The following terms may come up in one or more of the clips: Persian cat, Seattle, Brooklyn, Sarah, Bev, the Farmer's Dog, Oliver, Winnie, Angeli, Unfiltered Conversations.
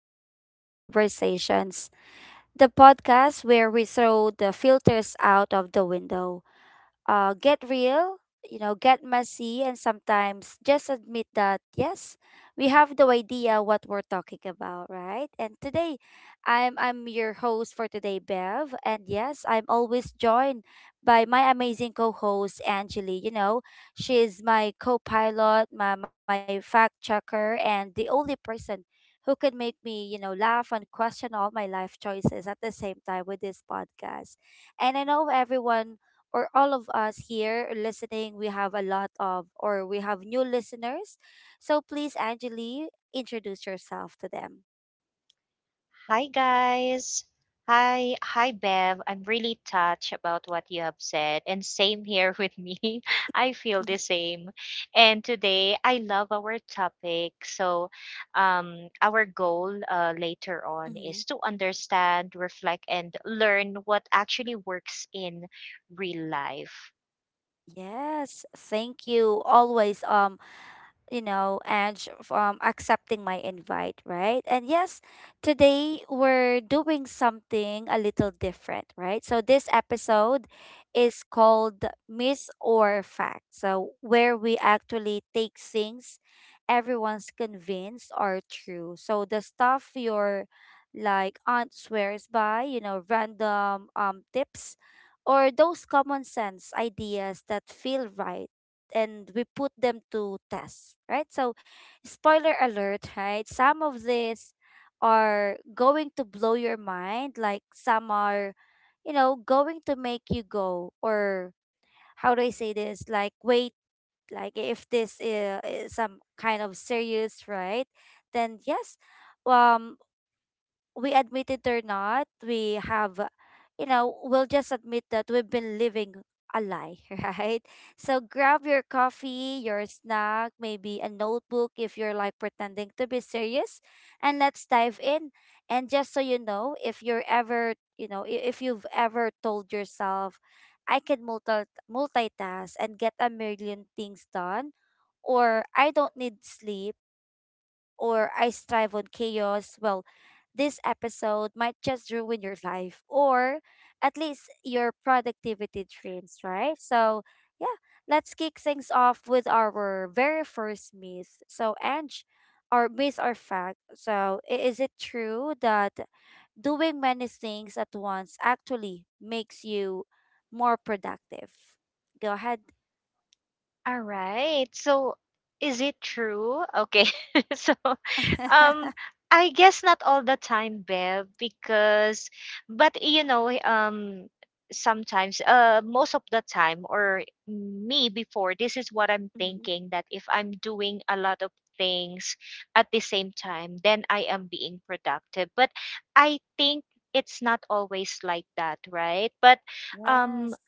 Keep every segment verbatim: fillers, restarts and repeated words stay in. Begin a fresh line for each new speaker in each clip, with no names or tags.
Unfiltered Conversations, the podcast where we throw the filters out of the window, uh, get real, you know, get messy, and sometimes just admit that, yes, we have no idea what we're talking about, right? And today, I'm, I'm your host for today, Bev. And yes, I'm always joined by my amazing co host, Angeli. You know, she's my co pilot, my, my fact checker, and the only person who could make me, you know, laugh and question all my life choices at the same time with this podcast. And I know everyone, or all of us here listening, we have a lot of, or we have new listeners. So please, Angeli, introduce yourself to them.
Hi guys. Hi, hi Bev. I'm really touched about what you have said and same here with me. I feel
Mhm.
the same. And today I love our topic. So um our goal uh, later on is
Mhm.
to understand, reflect and learn what actually works in real life.
Yes, thank you. Always, um, you know, Ange, from accepting my invite, right? And yes, today we're doing something a little different, right? So this episode is called Miss or Fact. So where we actually take things everyone's convinced are true. So the stuff your like aunt swears by, you know, random um tips or those common sense ideas that feel right, and we put them to test, right? So, spoiler alert, right? Some of these are going to blow your mind, like some are, you know, going to make you go, or how do I say this? Like, wait, like if this is, is some kind of serious, right? Then, yes. Um, we admit it or not, we have, you know, we'll just admit that we've been living a lie, right? So grab your coffee, your snack, maybe a notebook if you're like pretending to be serious, and let's dive in. And just so you know, if you're ever, you know, i- if you've ever told yourself, I can multi multitask and get a million things done, or I don't need sleep, or I strive on chaos, well, this episode might just ruin your life or at least your productivity dreams, right? So, yeah, let's kick things off with our very first myth. So, Ange, our myth or fact. So, i- is it true that doing many things at once actually makes you more productive? Go ahead.
All right. So, is it true? Okay. so, um, I guess not all the time, Bev, because, but you know, um, sometimes, uh, most of the time, or me before, this is what I'm
Hmm.
thinking that if I'm doing a lot of things at the same time, then I am being productive. But I think it's not always like that, right? But um,
Yes.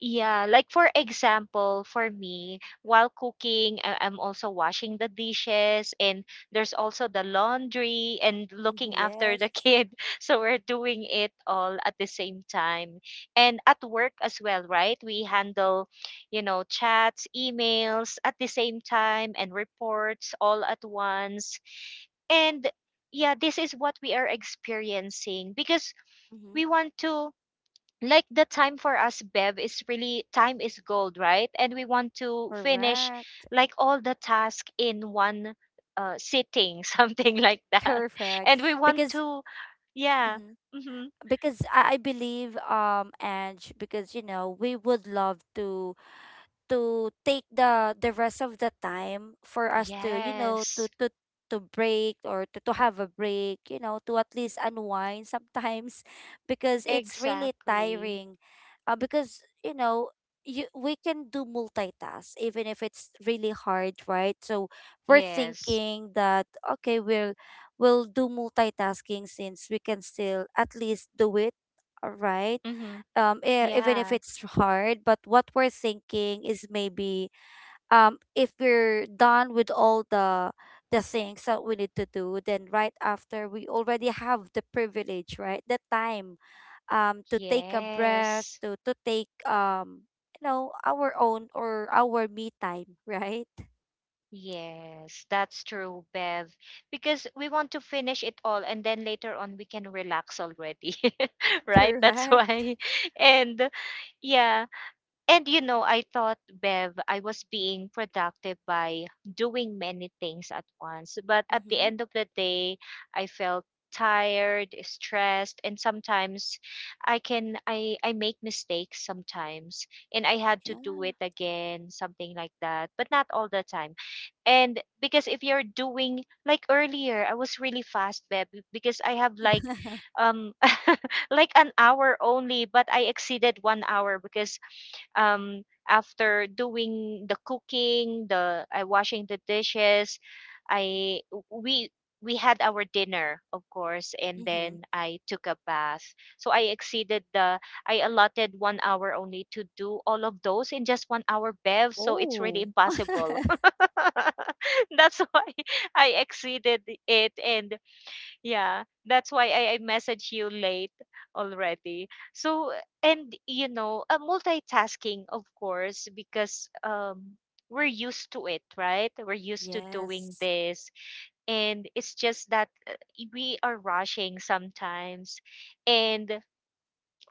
yeah, like for example, for me, while cooking, I- I'm also washing the dishes and there's also the laundry and
Mhm.
looking after
Yes.
the kid. So we're doing it all at the same time. And at work as well, right? We handle, you know, chats, emails at the same time and reports all at once. And yeah, this is what we are experiencing because
Hmm.
we want to, like, the time for us, Bev, is really, time is gold, right? And we want to finish
Correct.
like all the task in one uh, sitting, something like that,
Correct.
and we want
Because,
to, yeah, mm-hmm,
because I, I believe, um, and because you know, we would love to to take the the rest of the time for us to, you know, to
yes,
to to break or to, to have a break, you know, to at least unwind sometimes, because it's really
exactly,
tiring, uh, because you know, you we can do multitask even if it's really hard, right? So we're
yes,
thinking that okay, we'll we'll do multitasking since we can still at least do it, uh, right.
mm-hmm,
Um e- even if
yeah,
it's hard, but what we're thinking is maybe, um if we're done with all the the things that we need to do, then right after, we already have the privilege, right, the time, um to take a breath,
yes,
to to take, um you know, our own, or our me time, right?
yes, that's true, Bev, because we want to finish it all and then later on we can relax already. Right, that's
Correct.
why. And yeah. And you know, I thought, Bev, I was being productive by doing many things at once. But at the
Mm-hmm.
end of the day, I felt tired, stressed, and sometimes I can I I make mistakes sometimes and I had to do
Yeah.
it again, something like that, but not all the time. And because if you're doing like earlier, I was really fast, Beb, because I have like um like an hour only, but I exceeded one hour because um, after doing the cooking, the uh, washing the dishes, I we we had our dinner, of course, and
Mm-hmm.
then I took a bath. So I exceeded the I allotted one hour only to do all of those in just one hour, Bev. So it's really
Oh.
impossible. That's why I exceeded it, and yeah, that's why I, I message you late already. So, and you know, uh, multitasking, of course, because um, we're used to it, right? We're used to doing
Yes.
this. And it's just that uh, we are rushing sometimes. And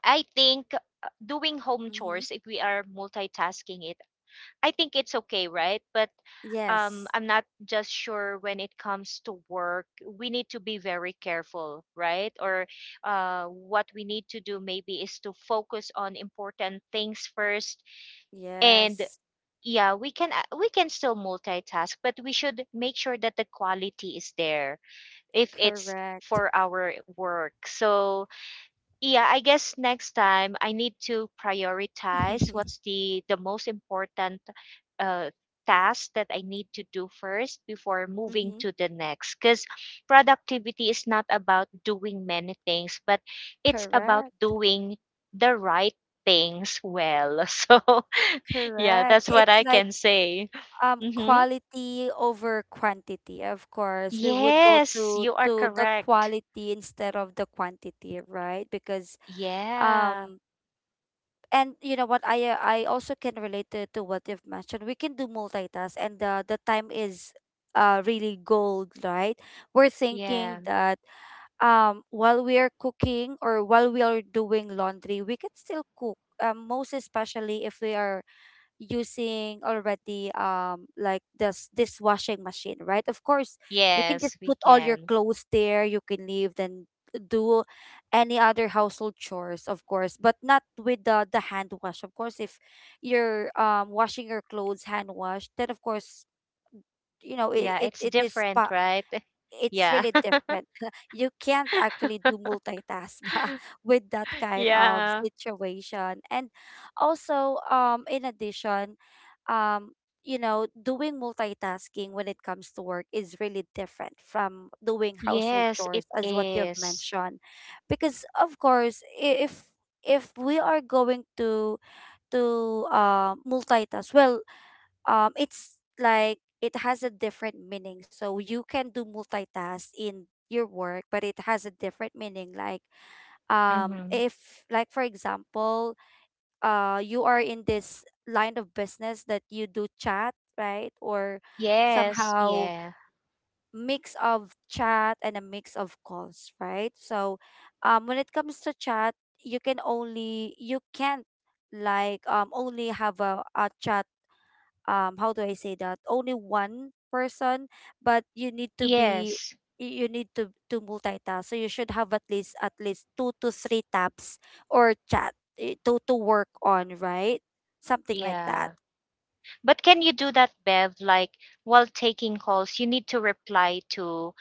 I think, uh, doing home
Mm-hmm.
chores, if we are multitasking it, I think it's okay, right? But um,
Yes.
I'm not just sure when it comes to work. We need to be very careful, right? Or uh, what we need to do maybe is to focus on important things first. And
Yes.
yeah, we can a- we can still multitask, but we should make sure that the quality is there if it's
Correct.
for our work. So yeah, I guess next time I need to prioritize what's the the most important uh task that I need to do first before moving
Mm-hmm.
to the next, because productivity is not about doing many things but it's about
Correct.
doing the right things well. So yeah,
Correct.
that's what
It's
I
like,
can say.
um,
Mm-hmm.
quality over quantity. Of course, we would go
Yes,
to
you are
to the
correct.
quality instead of the quantity, right? Because,
Yeah.
um, and you know what, I, uh, I also can relate to, to what you've mentioned. We can do multitask and the the time is, uh really gold, right? We're thinking
Yeah.
that, um, while we are cooking or while we are doing laundry, we can still cook, um most especially if we are using already, um like this this washing machine, right? Of course, you can just
Yes, we
put all your
can.
clothes there, you can leave, then do any other household chores, of course, but not with the the hand wash. Of course, if you're um washing your clothes hand wash, then of course, you know it
Yeah,
it,
it's
it is,
different, right?
it's
Yeah.
really different. You can't actually do multitask with that kind of
Yeah.
situation. And also, um, in addition, um, you know, doing multitasking when it comes to work is really different from doing household
Yes, it
chores, as what you've
is.
mentioned, because of course, i- if if we are going to to uh, multitask, well, um it's like it has a different meaning, so you can do multitask in your work, but it has a different meaning, like, um
Mm-hmm.
if like for example, uh you are in this line of business that you do chat, right, or
Yes,
somehow
yeah.
mix of chat and a mix of calls, right? So, um when it comes to chat, you can only, you can't like, um only have a, a chat, um how do I say that, only one person, but you need to be,
Yes,
y- you need to to multitask, so you should have at least at least two to three tabs or chat, eh, to to work on, right, something like
yeah.
that.
But can you do that, Bev? Like while taking calls, you need to reply to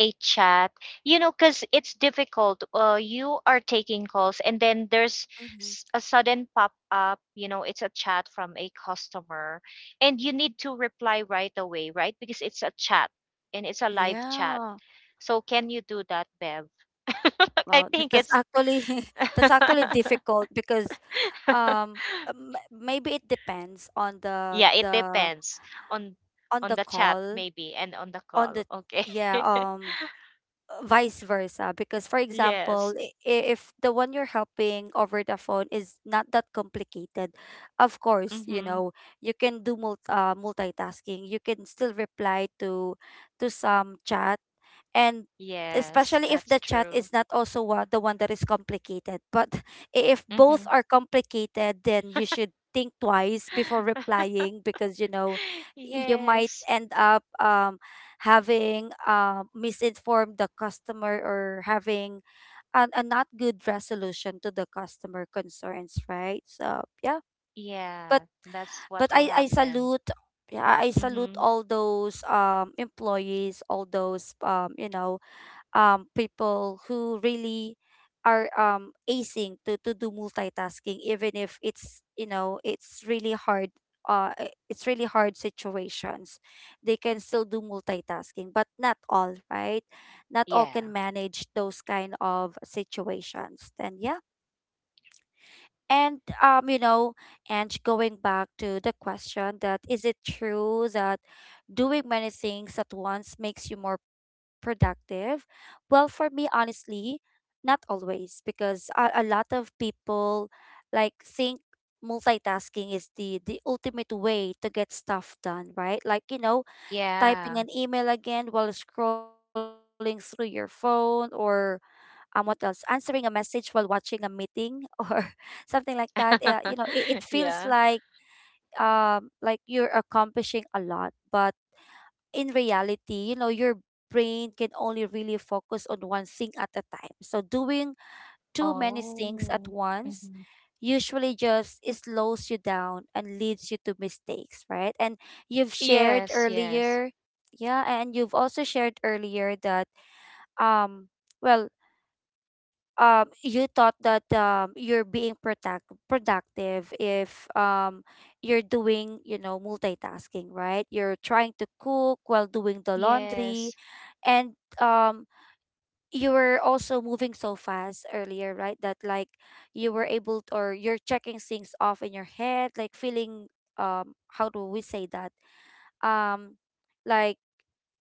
a chat, you know, because it's difficult. Uh, you are taking calls, and then there's s-
Hmm.
a sudden pop up, you know, it's a chat from a customer, and you need to reply right away, right? Because it's a chat and it's a live chat.
Yeah.
So can you do that, Bev? I
Well, that-
think
that's
it's
actually that's actually difficult because, um uh, m- maybe it depends on the
yeah, it
the
depends on
on
on
the
the chat
call,
maybe and on the
on
call.
the,
Okay.
yeah, um vice versa, because for
Yes.
example, i- i- if the one you're helping over the phone is not that complicated, of course, you
Mm-hmm.
know, you can do mul- uh, multitasking, you can still reply to to some chat, and
Yes,
especially if
that's
the chat
true.
is not also wa- the one that is complicated, but I- if
Mm-hmm.
both are complicated, then you should think twice before replying, because you know, you might
Yes.
end up, um, having, uh, misinformed the customer, or having an, a not good resolution to the customer concerns, right? So yeah, but
Yeah, that's
but
what will
I I
happen.
salute yeah, I salute
Mm-hmm.
all those um employees, all those, um you know, um people who really are, um acing to to do multitasking even if it's, you know, it's really hard, uh i- it's really hard situations, they can still do multitasking, but not all, right? Not all
Yeah.
can manage those kind of situations, then yeah. And, um you know, and going back to the question that, is it true that doing many things at once makes you more productive? Well, for me honestly, not always, because a, a lot of people like think multitasking is the the ultimate way to get stuff done, right? Like, you know,
Yeah.
typing an email again while scrolling through your phone, or, um what else? Answering a message while watching a meeting or something like that. Yeah, you know, it, it feels
Yeah.
like, um like you're accomplishing a lot, but in reality, you know, your brain can only really focus on one thing at a time. So doing too many things at
Oh.
once
Mm-hmm.
usually just slows you down and leads you to mistakes, right? And you've shared
Yes, yes.
earlier, yeah, and you've also shared earlier that, um well, um you thought that, um you're being product productive if, um you're doing, you know, multitasking, right? You're trying to cook while doing the laundry,
Yes.
and, um you were also moving so fast earlier, right? That like, you were able to, or you're checking things off in your head, like feeling, um how do we say that? Um like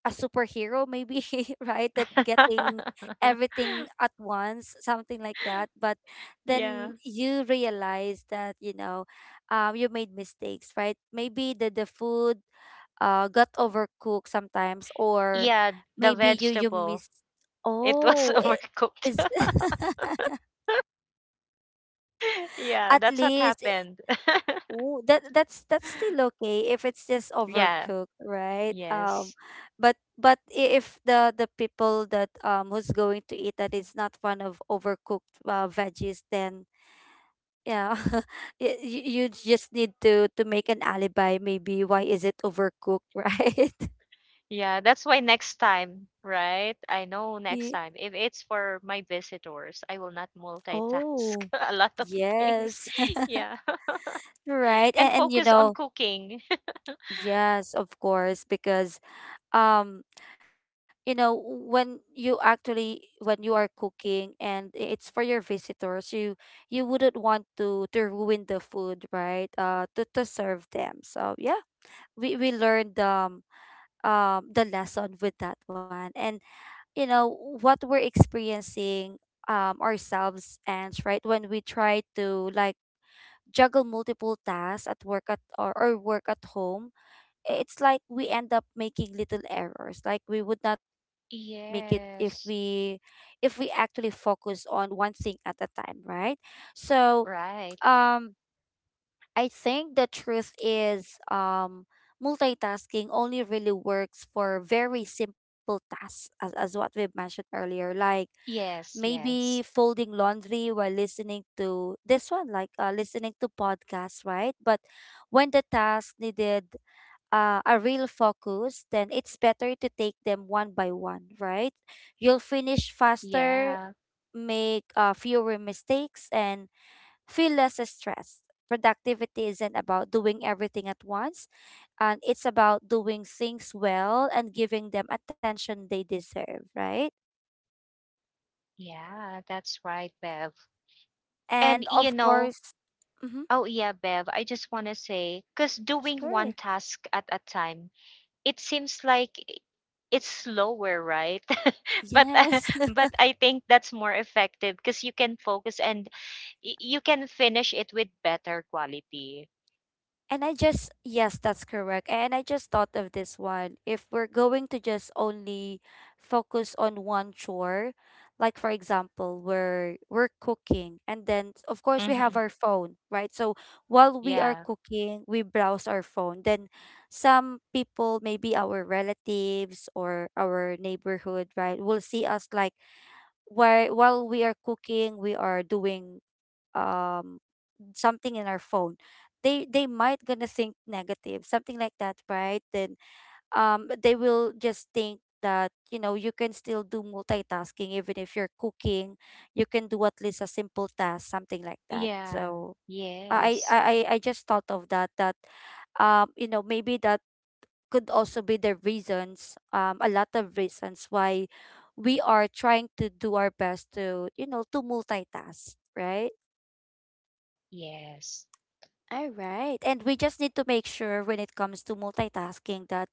a superhero maybe, right? That getting everything at once, something like that. But
Yeah.
then you realize that, you know, um you made mistakes, right? Maybe the the food, uh, got overcooked sometimes, or
Yeah, the
maybe you you
vegetable.
miss.
It was
Oh, it
overcooked.
is
Yeah,
at
that's what
least, eh,
happened.
ooh, that that's that's still okay if it's just
Yeah,
overcooked, right? Um,
yes.
but but I- if the the people that, um who's going to eat that is not fond of overcooked, uh, veggies, then yeah, y- you you just need to to make an alibi. Maybe why is it overcooked, right?
Yeah, that's why next time, right? I know next time. If it's for my visitors, I will not multitask
Oh,
a lot of things.
yes.
Yeah.
Right. And,
And
and you
focus on
know,
cooking.
yes, of course, because, um, you know, when you actually when you are cooking and, i- it's for your visitors, you you wouldn't want to to ruin the food, right? Uh, to to serve them. So yeah, we we learned, um um the lesson with that one. And you know what we're experiencing, um ourselves, and right, when we try to like juggle multiple tasks at work at, or, or work at home, i- it's like we end up making little errors. Like we would not make it if we
Yes.
if we actually focus on one thing at a time, right? So,
Right.
um I think the truth is, um multitasking only really works for very simple tasks, as, as what we've mentioned earlier, like
Yes,
maybe
yes.
folding laundry while listening to this one, like, uh, listening to podcasts, right? But when the task needed, uh, a real focus, then it's better to take them one by one, right? You'll finish faster,
Yeah.
make, uh, fewer mistakes, and feel less stressed. Productivity isn't about doing everything at once, and it's about doing things well and giving them attention they deserve, right?
Yeah, that's right, Bev. And
And
you
of
know,
course, mhm.
oh, yeah, Bev. I just want to say, because doing one
Sure.
task at a time, it seems like i- it's slower, right? But uh,
Yes.
but I think that's more effective because you can focus and y- you can finish it with better quality.
And I just, yes, that's correct. And I just thought of this one. If we're going to just only focus on one chore, like for example, we're we're cooking and then of course we have
Hmm.
our phone, right? So while we are
Yeah.
cooking, we browse our phone. Then some people, maybe our relatives or our neighborhood, right, will see us like while while we are cooking, we are doing um something in our phone, they they might gonna think negative something like that, right? Then um they will just think that you know you can still do multitasking even if you're cooking, you can do at least a simple task something like that.
Yeah.
So i
Yes.
i i I just thought of that that um you know, maybe that could also be the reasons, um a lot of reasons why we are trying to do our best to, you know, to multitask, right?
Yes.
All right. And we just need to make sure when it comes to multitasking that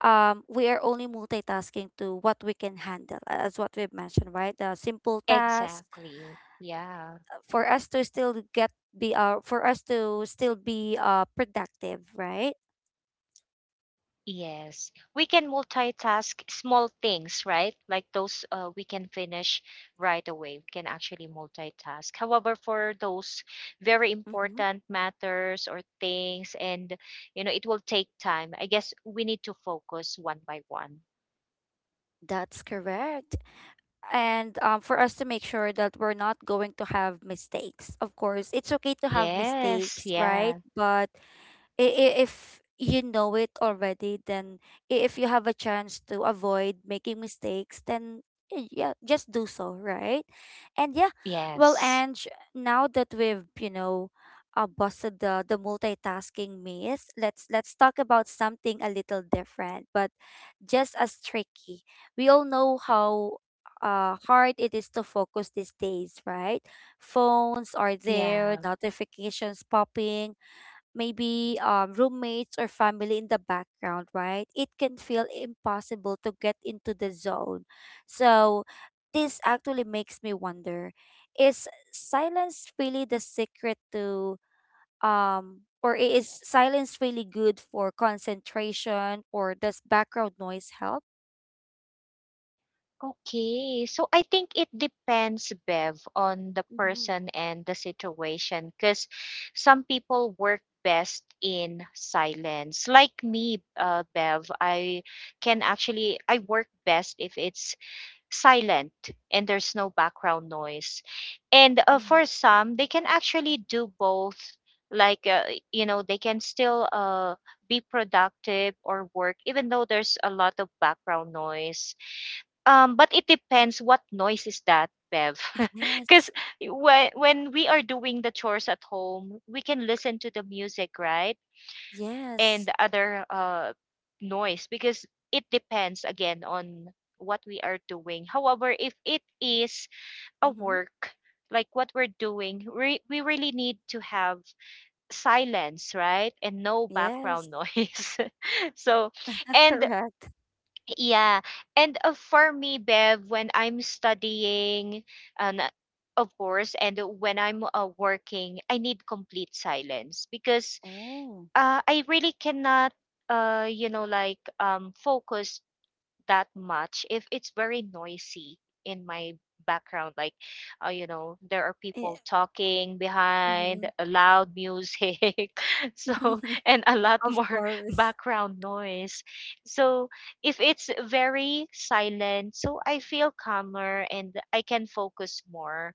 um we are only multitasking to what we can handle, a- as what we've mentioned, right? The simple tasks,
Exactly. Yeah.
uh, for us to still get be uh for us to still be uh productive, right?
Yes, we can multitask small things, right? Like those uh, we can finish right away. We can actually multitask. However, for those very
Mm-hmm.
important matters or things, and you know, it will take time. I guess we need to focus one by one.
That's correct. And um, for us to make sure that we're not going to have mistakes. Of course, it's okay to have
Yes,
mistakes, right?
yeah,
But i- i- if you know it already, then i- if you have a chance to avoid making mistakes, then y- yeah, just do so, right? And yeah, well,
yes,
Ange, now that we've, you know, uh, busted the, the multitasking myth, let's let's talk about something a little different but just as tricky. We all know how uh, hard it is to focus these days, right? Phones are there,
yeah.
notifications popping, maybe um, roommates or family in the background, right? It can feel impossible to get into the zone. So, this actually makes me wonder, is silence really the secret to, um, or I- is silence really good for concentration, or does background noise help?
Okay, so I think it depends, Bev, on the
Mm-hmm.
person and the situation. Because some people work best in silence. Like me, uh, Bev, I can actually I work best if it's silent and there's no background noise. And uh, for
Mm-hmm.
some, they can actually do both. Like uh, you know, they can still uh, be productive or work even though there's a lot of background noise. Um, but it depends what noise is that, Bev. Because
Yes.
when, when we are doing the chores at home, we can listen to the music, right? And
Yes.
the other uh, noise, because it depends again on what we are doing. However, if it is a
Mm-hmm.
work, like what we're doing, re- we really need to have silence, right? And no
Yes.
background noise. So, and
Correct.
yeah. And uh, for me, Bev, when I'm studying, and uh, of course, and when I'm uh, working, I need complete silence because
Oh.
uh, I really cannot, uh, you know, like um, focus that much if it's very noisy in my background, like uh, you know, there are
Yeah.
people talking behind,
Mm-hmm.
uh, loud music, so and a lot
Of
more
course.
background noise. So if it's very silent, so I feel calmer and I can focus more.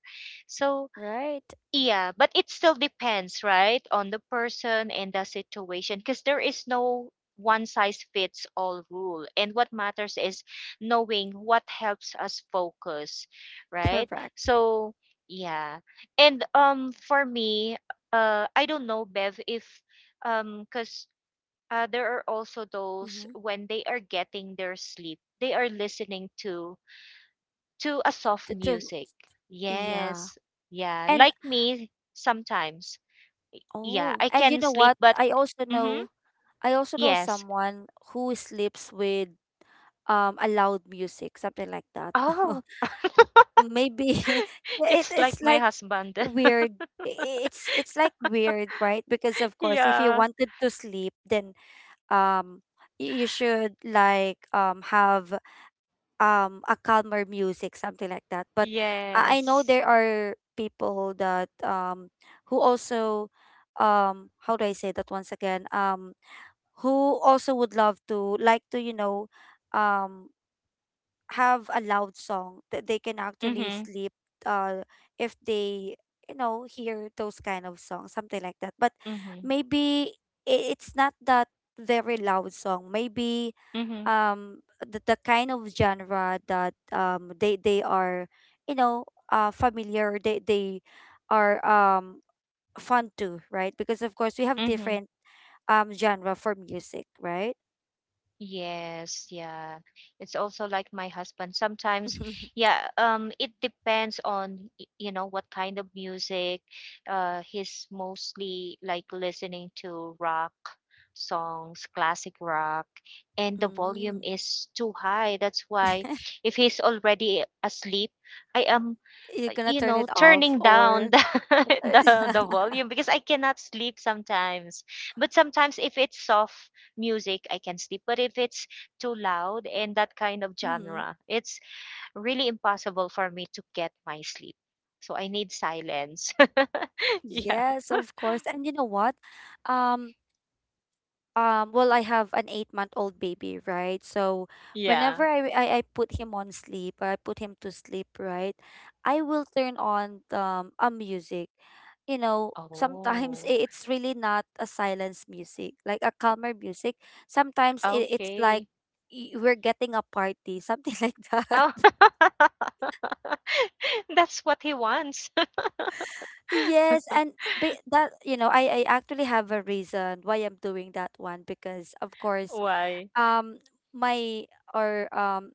So
Right?
yeah, but it still depends, right, on the person and the situation, because there is no one size fits all rule. And what matters is knowing what helps us focus, right?
Correct.
So, yeah. And um for me, uh I don't know, Bev, if um cuz uh, there are also those
Mm-hmm.
when they are getting their sleep, they are listening to to a soft
To, to,
music.
yeah.
Yes. Yeah.
And
Like me, sometimes. Yeah,
oh,
I
and you
can
know
sleep,
what?
but
I also
mm-hmm,
know I also know
yes.
someone who sleeps with um a loud music, something like that.
Oh,
Maybe it,
it's like
it's
my
like
husband.
weird. I- It's it's like weird, right? Because of course, if you
Yeah.
wanted to sleep, then um y- you should like um have um a calmer music something like that. But I I know
Yes.
there are people that, um who also, um how do I say that once again, um who also would love to, like to, you know, um have a loud song that they can actually
Mm-hmm.
sleep uh if they, you know, hear those kind of songs, something like that. But
Mm-hmm.
maybe i- it's not that very loud song, maybe
Mm-hmm.
um the, the kind of genre that, um they they are, you know, uh familiar, they they are um fun to, right? Because of course we have
Mm-hmm.
different um genre for music, right?
Yes, yeah. It's also like my husband. Sometimes,
Mm.
yeah, um, it depends on, y- you know, what kind of music. Uh, he's mostly like listening to rock songs, classic rock, and the volume is too high. That's why if he's already asleep, I am,
You're gonna
you
turn
know,
it off
turning down
or
the the the volume because I cannot sleep sometimes. But sometimes if it's soft music I can sleep, but if it's too loud and that kind of
mhm.
genre, it's really impossible for me to get my sleep, so I need silence. Yeah.
Yes, of course. And you know what? um um well, I have an eight month old baby, right? So
Yeah.
whenever I, I i put him on sleep or I put him to sleep, right, I will turn on um a music, you know. Sometimes
Oh.
i- it's really not a silence music, like a calmer music. Sometimes it, it's like
Okay.
y- we're getting a party, something like that.
Oh. That's what he wants.
Yes, and be, that, you know, I I actually have a reason why I'm doing that one. Because of course,
Why?
um, my or um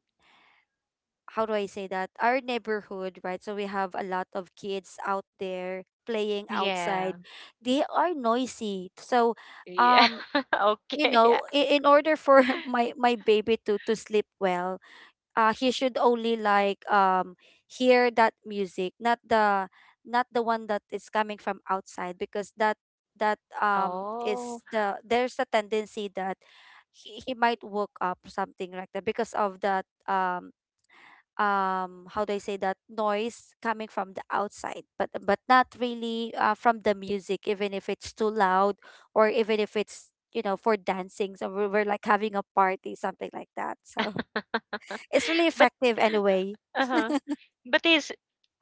how do I say that? our neighborhood, right? So we have a lot of kids out there playing
Yeah.
outside. They are noisy. So,
Yeah.
um, you
Okay. Yeah.
know, in, in order for my my baby to to sleep well, uh, he should only like um hear that music, not the, not the one that is coming from outside because that that um
Oh.
is the there's a tendency that he, he might woke up something like that because of that, um um how do I say, that noise coming from the outside, but but not really, uh, from the music even if it's too loud or even if it's, you know, for dancing. So we're, we're like having a party, something like that. So it's really
But
effective anyway.
uh-huh. But he's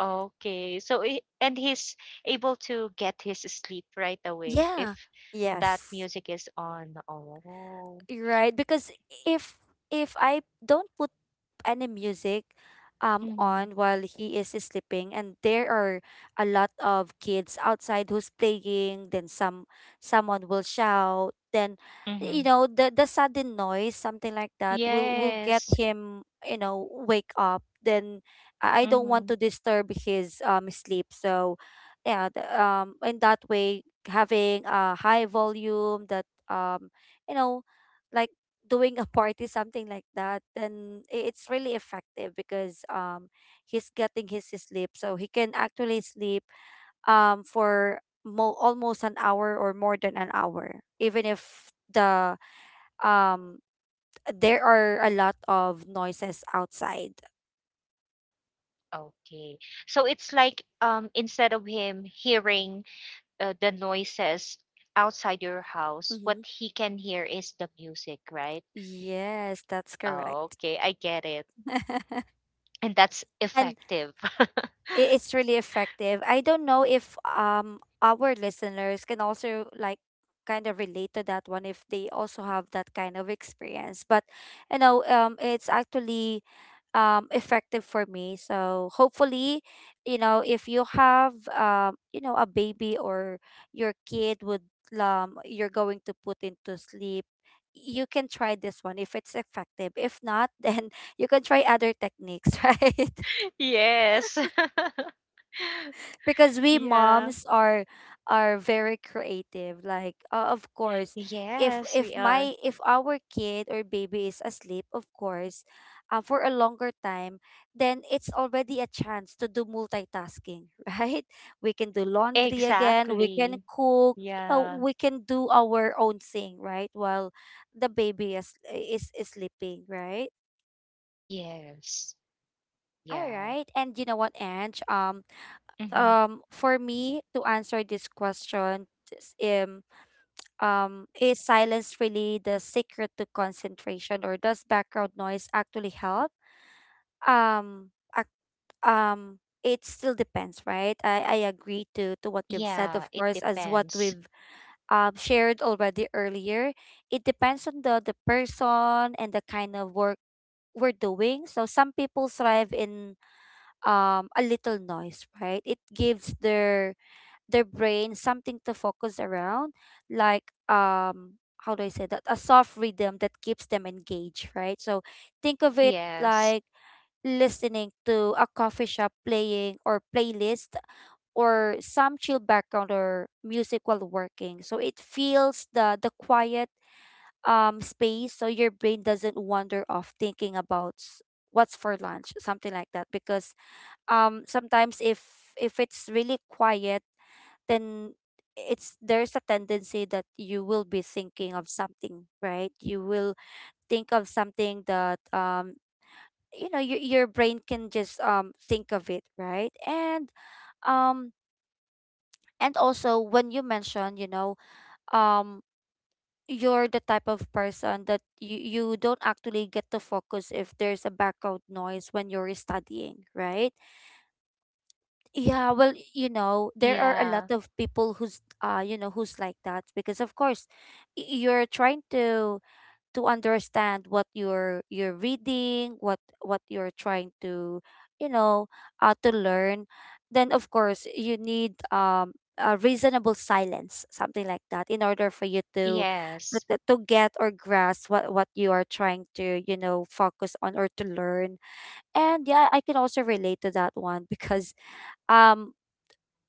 okay. So he- and he's able to get his sleep right away if
Yeah.
that
Yes,
music is on. Oh.
you're right. Because if if I don't put any music um
Mm-hmm.
on while he is sleeping and there are a lot of kids outside who's playing, then some, someone will shout. Then
Mm-hmm.
you know the the sudden noise something like that will will get
Yes.
him, you know, wake up. Then i I don't want
Mm-hmm.
to disturb his um sleep. So yeah, the, um in that way, having a high volume that, um you know, like doing a party, something like that, then i- it's really effective because um he's getting his sleep, so he can actually sleep um for mo- almost an hour or more than an hour, even if the, um there are a lot of noises outside.
Okay. So it's like, um, instead of him hearing uh, the noises outside your house, what
Mm-hmm.
he can hear is the music, right?
Yes, that's correct.
Okay, I get it. And that's
And
effective.
it, it's really effective. I don't know if um our listeners can also like kind of relate to that one if they also have that kind of experience. But you know, um it's actually um effective for me. So hopefully, you know, if you have, um, you know, a baby or your kid would, um you're going to put into sleep, you can try this one if it's effective. If not, then you can try other techniques, right?
Yes.
Because we
Yeah.
moms are are very creative, like, uh, of course, if
Yes, we
if
are.
my if our kid or baby is asleep, of course, uh, for a longer time, then it's already a chance to do multitasking, right? We can do laundry again, we can
Exactly.
cook, uh,
Yeah.
we can do our own thing, right, while the baby is is, is sleeping, right?
Yes.
All
Yeah.
right, and you know what, Ange, um
Mm-hmm.
um for me to answer this question is, um um is silence really the secret to concentration or does background noise actually help? Um act, um it still depends, right? I, I agree to to what you've said,
Yeah,
of
it
course, as what
depends.
we've um shared already earlier. It depends on the the person and the kind of work we're doing. So some people thrive in um a little noise, right? It gives their their brain something to focus around, like, um how do I say, that a soft rhythm that keeps them engaged, right? So think of it
Yes.
like listening to a coffee shop playing or playlist or some chill background or music while working. So it feels the the quiet um space, so your brain doesn't wander off thinking about s- what's for lunch, something like that. Because um sometimes if if it's really quiet, then it's there's a tendency that you will be thinking of something, right? You will think of something that, um you know, your your brain can just um think of it, right? And um and also when you mention, you know, um you're the type of person that you, you don't actually get to focus if there's a background noise when you're studying, right? Yeah, well, you know, there are a lot
Yeah.
of people who's, uh, you know, who's like that. Because of course y- you're trying to, to understand what you're you're reading, what what you're trying to, you know, uh to learn. Then of course you need um a reasonable silence, something like that, in order for you to to
Yes.
to to get or grasp what what you are trying to, you know, focus on or to learn. And yeah, I can also relate to that one because um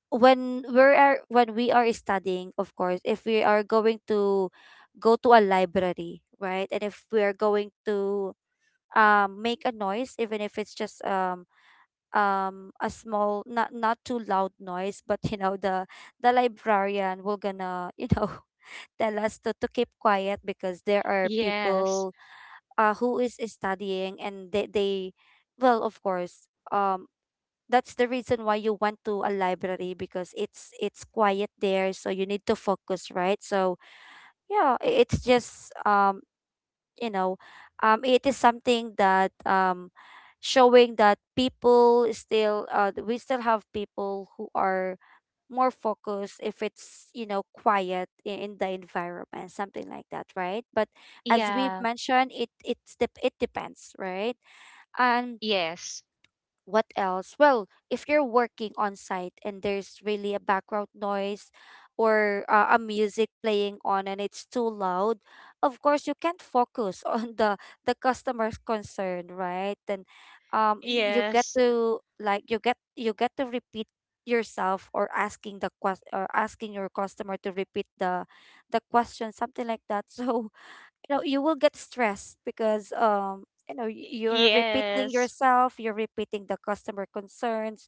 when we're ar- when we are studying, of course, if we are going to go to a library, right, and if we are going to um make a noise even if it's just, um um a small, not not too loud noise, but you know the the librarian will gonna, you know, tell us to, to keep quiet because there are
Yes.
people, uh, who is studying and they, they, well of course, um that's the reason why you went to a library, because it's it's quiet there, so you need to focus, right? So yeah, i- it's just, um you know, um it is something that, um showing that people still, uh we still have people who are more focused if it's, you know, quiet i- in the environment, something like that, right? But as we've
Yeah.
mentioned, it it's dep it depends, right? And
Yes.
what else? Well, if you're working on site and there's really a background noise or uh, a music playing on and it's too loud, of course you can't focus on the the customer's concern, right? And um y- you get
Yes.
to, like, you get you get to repeat yourself or asking the quest or asking your customer to repeat the the question, something like that. So you know you will get stressed because um you know y-
y-
you're repeating
Yes.
yourself, you're repeating the customer concerns,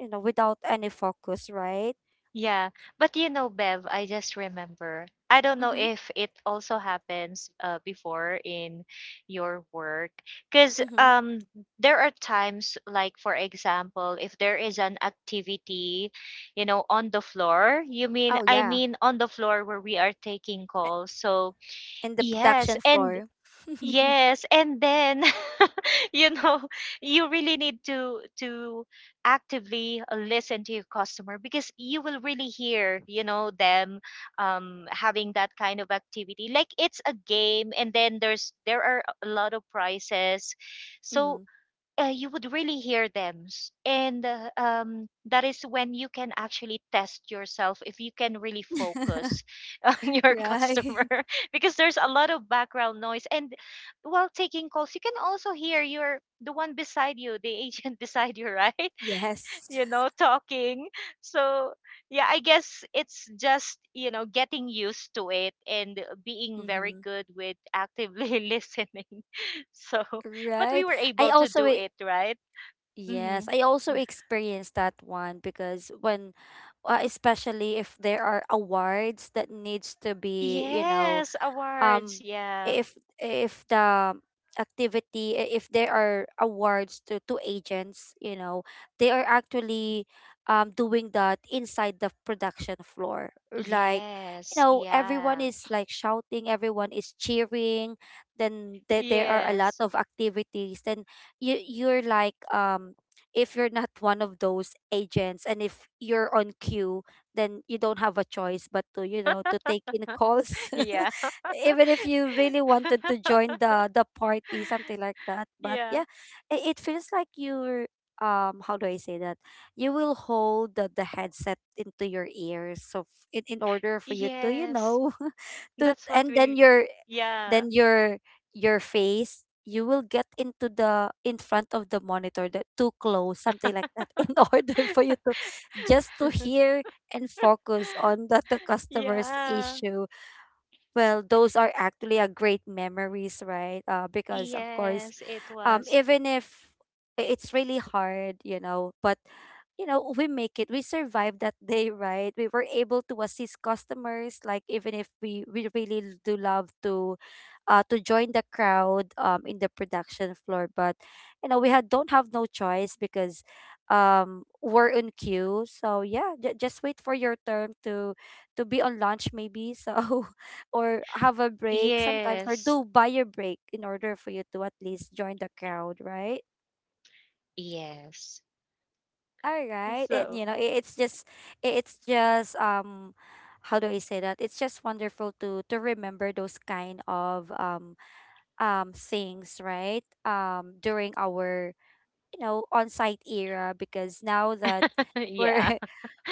you know, without any focus, right?
Yeah, but you know, Bev, I just remember. I don't know
Mm-hmm,
if it also happens uh, before in your work, because
mm-hmm.
um, there are times, like for example, if there is an activity, you know, on the floor. You mean,
Oh
I
yeah,
mean, on the floor where we are taking
uh,
calls. So
in the
yes,
production
and
floor.
yes, and then you know, you really need to to actively uh, listen to your customer because you will really hear, you know, them, um, having that kind of activity, like it's a game and then there's there are a lot of prizes,
Mm-hmm.
so uh, you would really hear them. S- And uh, um, that is when you can actually test yourself if you can really focus on your
Right.
customer because there's a lot of background noise. And while taking calls, you can also hear your the one beside you, the agent beside you, right?
Yes.
You know, talking. So yeah, I guess it's just you know getting used to it and being very
Mm-hmm.
good with actively listening. So but we
Right.
were
i
able to
also
do
e-
it, right?
yes,
Mm-hmm.
I also experienced that one, because when uh, especially if there are awards that needs to be, you know...
Yes, awards.
um
Yeah.
if if the activity, i- if there are awards to, to agents, you know, they are actually um, doing that inside the production floor, like, you
Yes.
know, everyone
Yeah.
is like shouting, everyone is cheering, then there there are a lot
Yes.
of activities, then you, you're like, um if you're not one of those agents, and if you're on queue, then you don't have a choice but to, you know, to take in calls.
Yeah.
Even if you really wanted to join the the party, something like that, but
yeah.
yeah. it, it feels like you're, um how do I say that, you will hold the, the headset into your ears, so f- in, in order for you to, you
Yes.
know, to...
That's what
and then
will.
your,
Yeah.
then your your face, you will get into the in front of the monitor, that too close, something like that, in order for you to just to hear and focus on the, the customer's
yeah.
issue. Well, those are actually a great memories, right? Uh, because of course,
Yes, it
um
was.
even if, i- it's really hard, you know, but you know, we make it, we survived that day, right? We were able to assist customers, like, even if we, we really l- do love to uh to join the crowd um in the production floor. But you know, we had don't have no choice, because um we're in queue. So yeah, j- just wait for your turn to to be on lunch maybe, so, or have a break sometimes, or
Yes.
do buy your break in order for you to at least join the crowd, right?
Yes.
All right. And
So,
you know, it, it's just, it, it's just, um how do I say that, it's just wonderful to to remember those kind of um um things, right? Um during our, you know, on-site era. Because now that we're
yeah.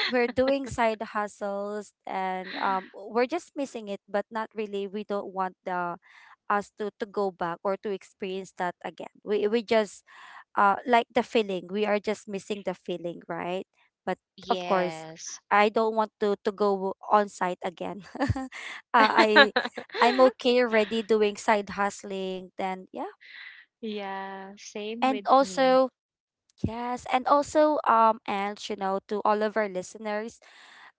we're doing side hustles and um we're just missing it. But not really, we don't want the us to to go back or to experience that again. We we just uh like the feeling. We are just missing the feeling, right? But of course,
Yes.
I don't want to to go on site again. uh, I, I'm okay already doing side hustling. Then yeah.
yeah. Same
And
with me.
also, yes, and also, um and, you know, to all of our listeners,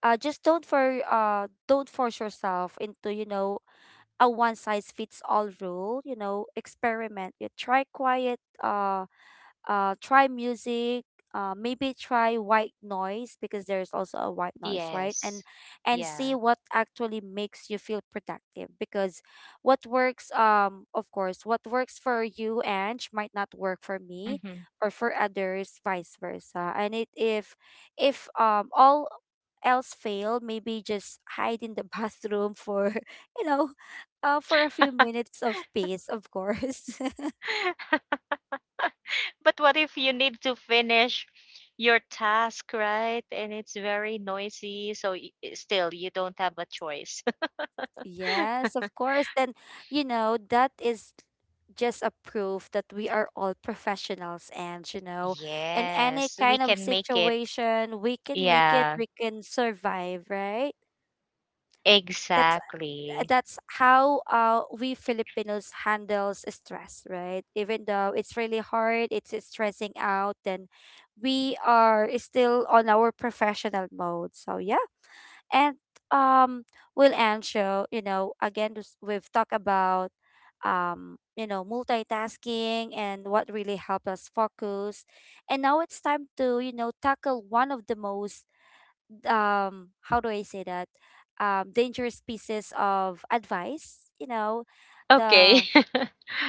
uh just don't for, uh don't force yourself into, you know, a one size fits all rule. You know, experiment. You try quiet, uh uh, try music. Uh, maybe try white noise, because there's also a white noise, right? And
Yes.
and see
Yeah.
what actually makes you feel productive, because what works, um, of course, what works for you and might not work for me
Mhm.
or for others, vice versa. And it, if if um all else fail, maybe just hide in the bathroom for you know, uh, for a few minutes of peace, of course.
But what if you need to finish your task, right? And it's very noisy, so y- still you don't have a choice.
Yes, of course. Then, you know, that is just a proof that we are all professionals, and, you know, in any
Yes, we
kind of
can make it.
situation, we can make it,
Yeah,
we can survive, right? That's
exactly.
that's how, uh, we Filipinos handles stress, right? Even though it's really hard, it's stressing out, then we are still on our professional mode. So yeah. And um, Will and show, you know, again, this- we've talked about, um, you know, multitasking and what really helps us focus. And now it's time to, you know, tackle one of the most, um, how do I say that, um, dangerous pieces of advice, you know,
Okay.
the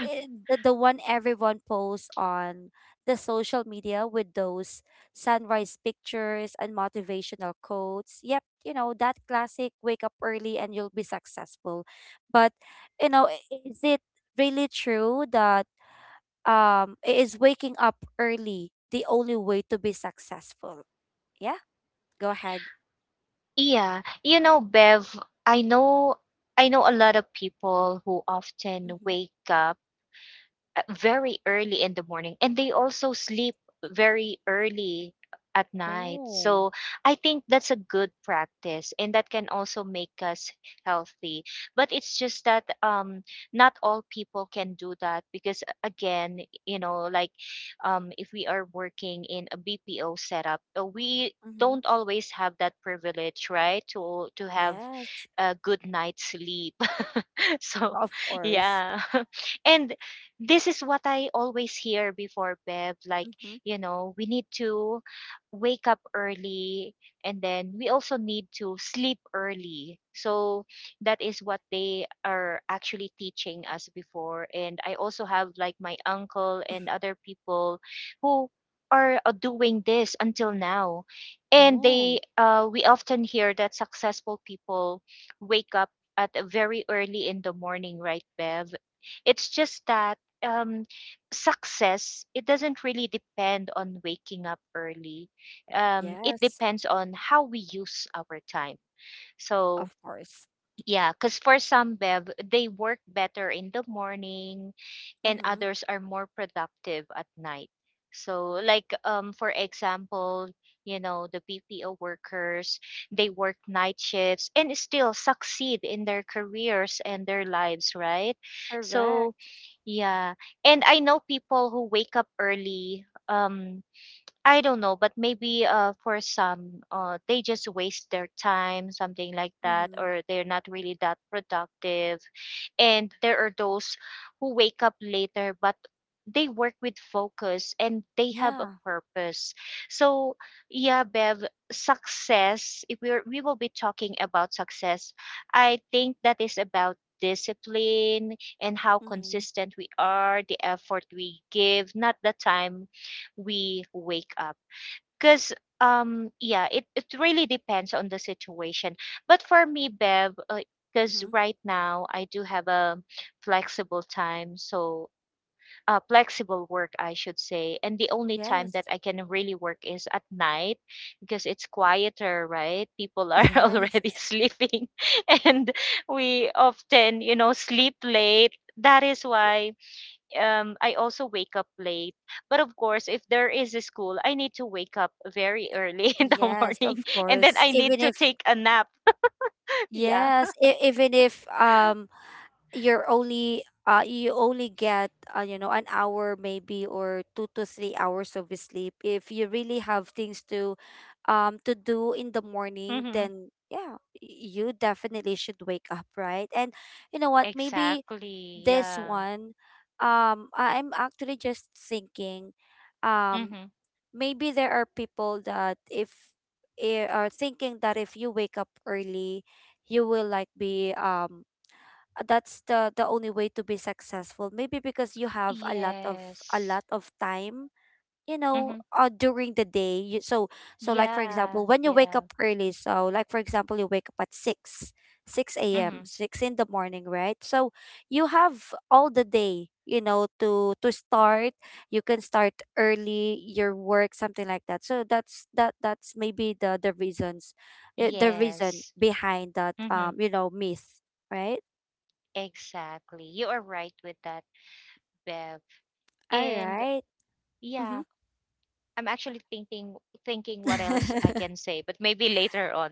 eh, the, the one everyone posts on the social media with those sunrise pictures and motivational quotes. Yep, you know, that classic, wake up early and you'll be successful. But, you know, i- is it really true that, um i- is waking up early the only way to be successful? Yeah, go ahead.
Yeah, you know, Bev, I know I know a lot of people who often
Mm-hmm.
wake up uh, very early in the morning and they also sleep very early at night.
Oh.
So I think that's a good practice and that can also make us healthy. But it's just that um not all people can do that because uh, again, you know, like um if we are working in a B P O setup, uh, we
Mm-hmm.
don't always have that privilege, right? To to have
Yes,
a good night's sleep. so
of course.
yeah and this is what I always hear before, Bev, like
Mm-hmm.
you know we need to wake up early and then we also need to sleep early. So that is what they are actually teaching us before, and I also have like my uncle and other people who are uh, doing this until now. And they
Oh,
uh, we often hear that successful people wake up at very early in the morning, right, Bev? It's just that um, success, it doesn't really depend on waking up early. Um, it
yes,
depends on how we use our time.
of
So
course.
yeah, because for some, Bev, they work better in the morning and
Mm-hmm.
others are more productive at night. So like um for example, you know, the B P O workers, they work night shifts and still succeed in their careers and their lives, right?
Correct.
So yeah. And I know people who wake up early. Um I don't know, but maybe uh, for some, uh, they just waste their time, something like that,
Mm-hmm.
or they're not really that productive. And there are those who wake up later, but they work with focus and they have a
Yeah.
purpose. So, yeah, Bev, success, if we're, we will be talking about success, I think that is about discipline and how
Mm-hmm.
consistent we are, the effort we give, not the time we wake up. Because um yeah, it it really depends on the situation. But for me, Bev, because
Mm-hmm.
right now I do have a flexible time, so uh, flexible work, I should say. And the only time
Yes.
that I can really work is at night because it's quieter, right? People are
Yes.
already sleeping, and we often, you know, sleep late. That is why um I also wake up late. But of course, if there is a school, I need to wake up very early in the
Yes,
morning
of
and then
course.
I need
Even
to
if,
take a nap. Yeah.
yes, e- even if, um you're only, uh you only get, uh, you know, an hour maybe, or two to three hours of sleep. If you really have things to um to do in the morning,
Mm-hmm.
then yeah, y- you definitely should wake up, right? And you know what, maybe
Exactly.
this
Yeah.
one, um I, I'm actually just thinking, um
Mm-hmm.
maybe there are people that, if, eh, are thinking that if you wake up early, you will like be, um uh, that's the the only way to be successful, maybe because you have a lot of, a
Yes.
lot of time, you know,
Mm-hmm.
uh, during the day, you, so, so like for
Yeah.
example when you wake up
Yeah.
early, so like for example you wake up at 6 six a.m,
Mm-hmm.
six in the morning, right? So you have all the day, you know, to to start. You can start early your work, something like that. So that's that, that's maybe the the reasons, uh, the reason
Yes.
behind that, um
Mm-hmm.
you know, myth, right?
Exactly. You are right with that, Bev.
All
And
right. Mm-hmm.
yeah, I'm actually thinking thinking what else I can say, but maybe later on.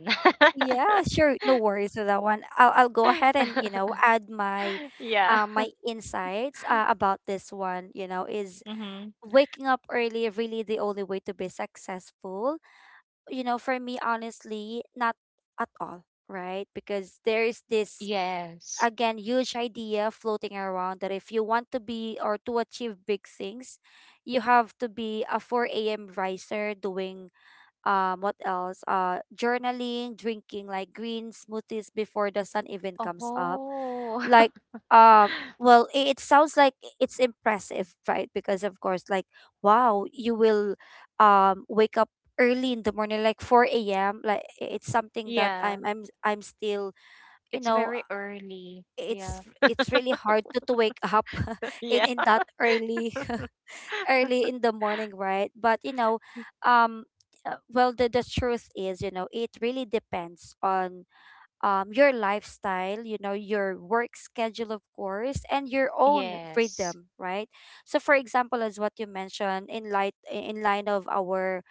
Yeah, sure. No worries with that one. I'll I'll go ahead and, you know, add my,
yeah.
uh, my insights uh, about this one, you know, is
Mm-hmm.
waking up early really the only way to be successful? You know, for me, honestly, not at all, right? Because there is this,
Yes.
again, huge idea floating around that if you want to be or to achieve big things, you have to be a four a m riser, doing um what else, uh journaling, drinking, like, green smoothies before the sun even comes up.
Oh.
Like, um well, i- it sounds like it's impressive, right? Because of course, like, wow, you will um wake up early in the morning, like four a m, like i- it's something that
Yeah.
i'm i'm I'm still, you
It's
know,
very early.
it's
Yeah.
it's really hard to, to wake up in in
Yeah.
that early, early in the morning, right? But you know, um, uh, well, the the truth is, you know, it really depends on um your lifestyle, you know, your work schedule, of course, and your own
Yes.
rhythm, right? So, for example, as what you mentioned, in light in line of our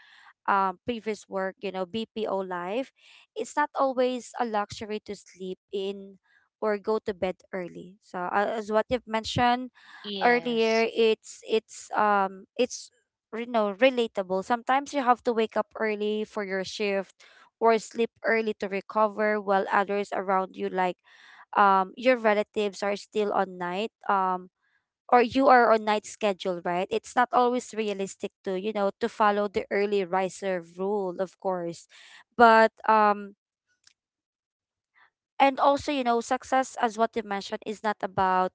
um previous work, you know, B P O life, it's not always a luxury to sleep in or go to bed early. So, uh, as what you've mentioned earlier,
Yes.
it's it's um it's, you know, relatable. Sometimes you have to wake up early for your shift, or sleep early to recover, while others around you, like, um your relatives, are still on night, um or you are on night schedule, right? It's not always realistic to, you know, to follow the early riser rule, of course. But um and also, you know, success, as what you mentioned, is not about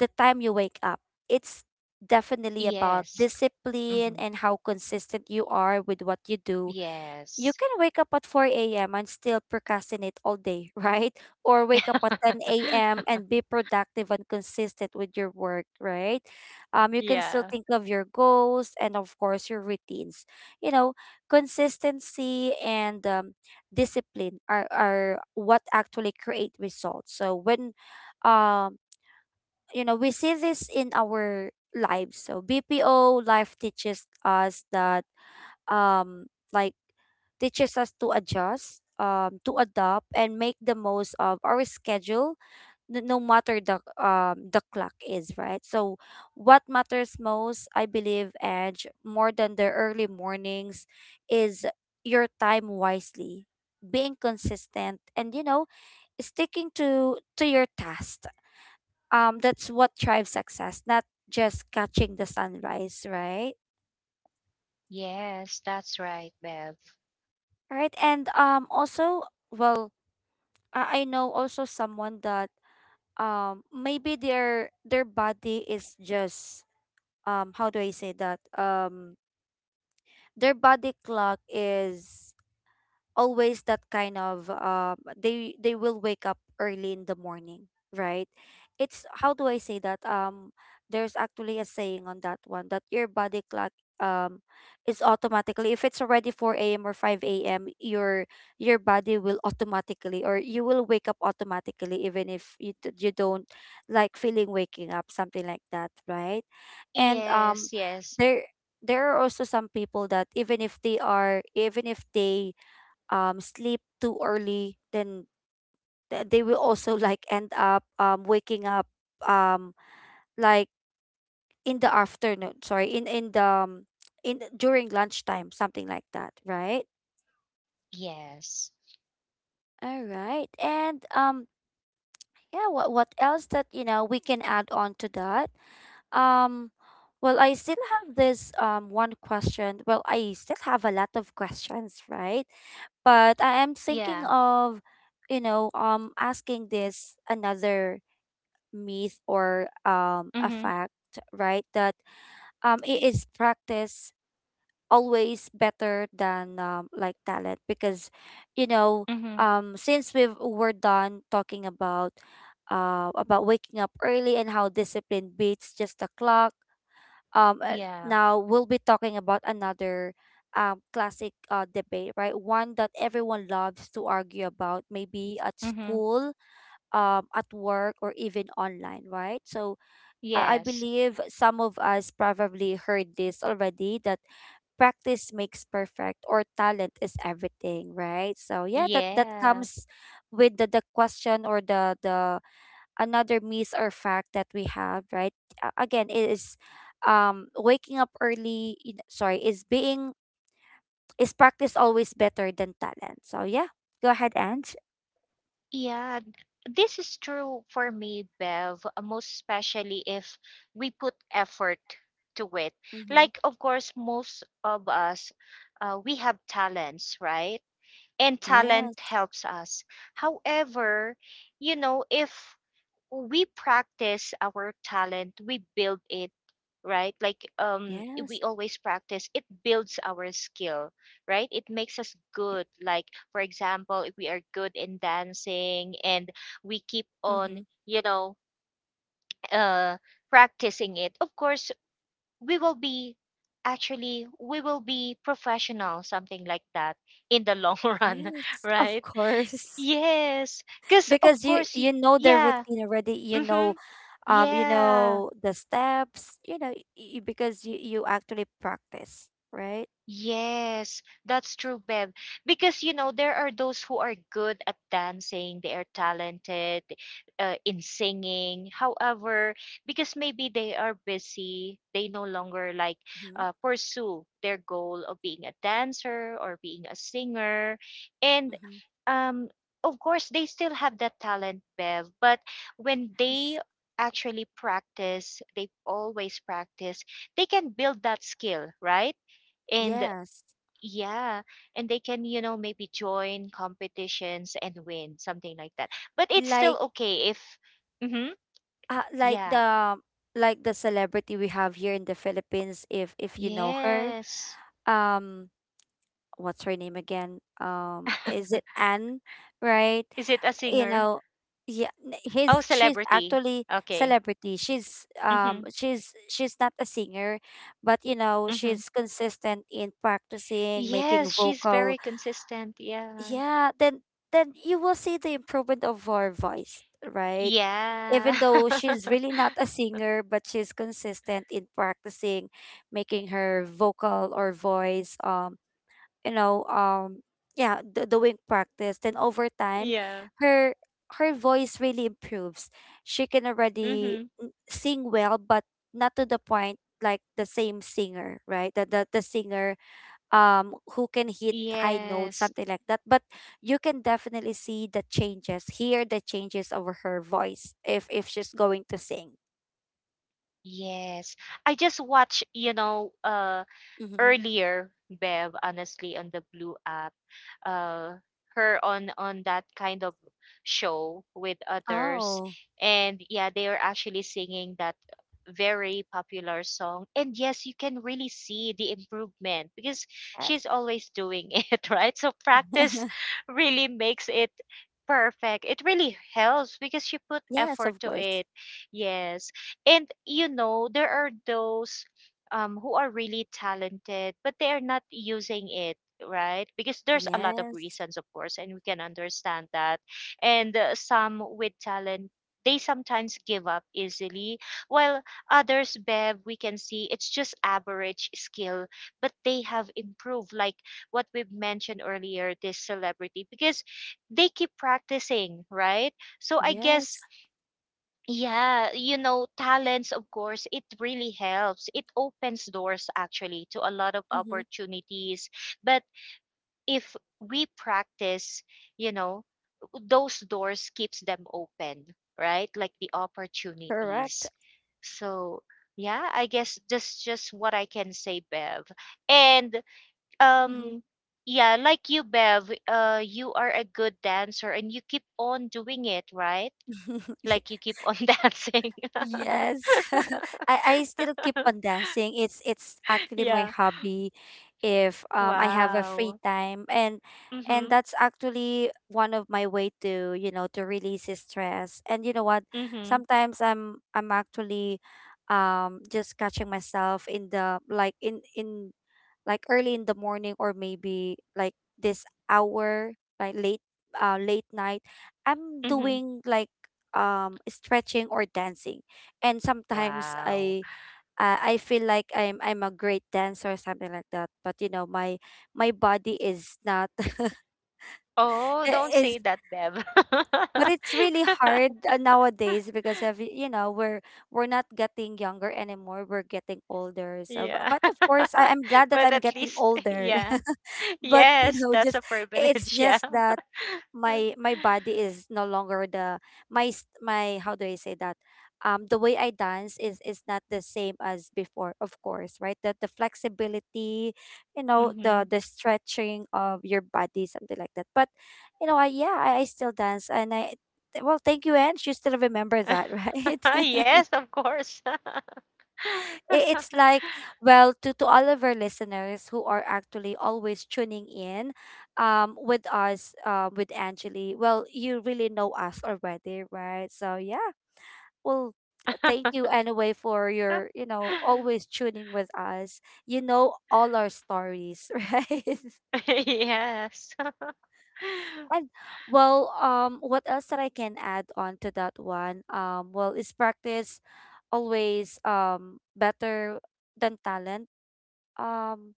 the time you wake up. It's definitely about
Yes.
discipline
Mm-hmm.
and how consistent you are with what you do. You
Yes.
can wake up at four a m and still procrastinate all day, right? Or wake up at ten a m and be productive and consistent with your work, right? Um, you can still
Yeah.
think of your goals and, of course, your routines. You know, consistency and, um, discipline are, are what actually create results. So when, um, you know, we see this in our lives. So B P O life teaches us that, um like, teaches us to adjust, um, to adopt, and make the most of our schedule, n- no matter the, um the clock is, right. So, what matters most, I believe, Edge, more than the early mornings, is your time wisely, being consistent, and, you know, sticking to to your task. Um, that's what drives success, not just catching the sunrise, right?
Yes, that's right, Bev.
Right, and um, also, well, I I know also someone that um maybe their their body is just um how do I say that um Their body clock is always that kind of um they they will wake up early in the morning, right? It's how do I say that um There's actually a saying on that one that your body clock um is automatically, if it's already four a.m or five a.m, your your body will automatically, or you will wake up automatically even if you, d- you don't like feeling waking up, something like that, right? And um
Yes, yes,
there there are also some people that even if they are even if they um, sleep too early, then th- they will also like end up um, waking up, um, like in the afternoon. Sorry, in in the um, in the- during lunchtime, something like that, right?
yes.
All right, and um, yeah. What what else that you know we can add on to that? Um, well, I still have this um one question. Well, I still have a lot of questions, right? But I am thinking
Yeah.
of, you know, um asking this another myth or um, a
Mm-hmm.
fact, right? That um, it is practice always better than um, like talent because, you know,
Mm-hmm.
um, since we've we're done talking about uh, about waking up early and how discipline beats just the clock. Um, uh,
Yeah.
Now we'll be talking about another um, classic uh, debate, right? One that everyone loves to argue about, maybe at
Mm-hmm.
school, um, at work, or even online, right? So I I
Yes.
believe some of us probably heard this already that practice makes perfect or talent is everything, right? So yeah, that that
Yeah.
comes with the, the question or the the another myth or fact that we have, right? A- Again, it is um waking up early, you know, sorry, is being is practice always better than talent. So yeah, go ahead, Ange.
Yeah, th- this is true for me, Bev, uh, most especially if we put effort to it.
Mm-hmm.
Like, of course, most of us, uh, we have talents, right? And talent
Yes,
helps us. However, you know, if we practice our talent, we build it, right? Like um
yes.
we always practice, it builds our skill, right? It makes us good. Like for example, if we are good in dancing and we keep
Mm-hmm.
on, you know, uh practicing it, of course we will be actually we will be professional something like that in the long run,
Yes, of
right?
course.
Yes, because of
Because you
course y-
you know the
yeah.
routine already, you
Mm-hmm.
know, um you
Yeah.
know the steps, you know, y- because you you actually practice, right?
Yes, that's true, Bev. Because, you know, there are those who are good at dancing, they are talented uh, in singing. However, because maybe they are busy, they no longer like
Mm-hmm.
uh, pursue their goal of being a dancer or being a singer. And
Mm-hmm.
um, of course, they still have that talent, Bev. But when
S-
they actually practice, they always practice, they can build that skill, right? And
yes.
yeah, and they can, you know, maybe join competitions and win, something like that. But it's still
Like
okay if, mm-hmm,
uh, like
yeah,
the like the celebrity we have here in the Philippines, if if you know her.
yes.
um what's her name again? Um is it Anne, right?
Is it a
You
singer?
know, yeah. n-
Oh,
his She's
celebrity.
actually
Okay.
celebrity, she's
Mm-hmm,
um she's she's not a singer. But you know,
mm-hmm.
she's consistent in practicing, making
Yes, she's
vocal.
very consistent. Yeah.
Yeah, then then you will see the improvement of her voice, right?
Yeah.
Even though she's really not a singer, but she's consistent in practicing, making her vocal or voice. um you know um yeah, d- doing practice, then over time,
Yeah.
her her voice really improves. She can already
Mm-hmm.
n- sing well, but not to the point like the same singer, right? The, the the singer um who can hit high notes,
Yes.
something like that. But you can definitely see the changes, hear the changes over her voice if if she's going to sing.
Yes. I just watch, you know, uh
Mm-hmm.
earlier, Bev, honestly, on the Blue app, uh, her on on that kind of show with others,
Oh,
and yeah, they are actually singing that very popular song. And yes, you can really see the improvement because
yes.
she's always doing it, right? So practice really makes it perfect. It really helps because she put
Yes,
effort
of
to
course.
it. Yes. And you know, there are those um, who are really talented, but they are not using it, right? Because there's a lot of
Yes.
reasons, of course, and we can understand that. And uh, some with talent, they sometimes give up easily, while others, Bev, we can see it's just average skill, but they have improved, like what we've mentioned earlier, this celebrity, because they keep practicing, right? So I guess
Yes.
yeah, you know, talents, of course, it really helps. It opens doors actually to a lot of
Mm-hmm.
opportunities. But if we practice, you know, those doors keeps them open, right? Like the
Correct.
opportunities. So, yeah, I guess that's just what I can say, Bev. And
Mhm.
um yeah, like you, Bev, uh you are a good dancer and you keep on doing it, right? Like you
Yeah.
keep on dancing.
Yes. I, I still keep on dancing. It's it's actually my
Yeah.
hobby if um I have a free
Wow.
time, and and
Mhm.
that's actually one of my way to, you know, to release the stress. And you know what?
Mhm.
Sometimes I'm I'm actually um just catching myself in the like in in like early in the morning, or maybe like this hour, like late, uh late night, I'm
Mhm.
doing like um stretching or dancing. And sometimes
Wow.
I uh, I feel like I'm I'm a great dancer or something like that, but you know, my my body is not.
Oh,
I-
don't say
is
that, Bev.
But it's really hard, uh, nowadays, because every, you know, we're we're not getting younger anymore, we're getting older. So bu-
yeah.
but of course, I, I'm glad that
but
I'm
at
getting
least
older.
yeah.
But you
Yes,
know,
that's a
just, it's
privilege, yeah.
just that my my body is no longer the. My s- my How do I say that? Um the way I dance is is not the same as before, of course, right? That the the flexibility, you know, the
Mhm.
the stretching of your body, something like that. But you know, I yeah, I, I still dance, and I th- well, thank you, Ange. You still remember that, right? I-
yes, of course.
It's like, well, to, to all of our listeners who are actually always tuning in um, with us, uh, with Angeli. Well, you really know us already, right? So, yeah, well, th- thank you anyway for your, you know, always tuning with us. You know all our stories, right?
yes.
And, well, um, what else that I can add on to that one? Um, well, is practice always um better than talent? Um,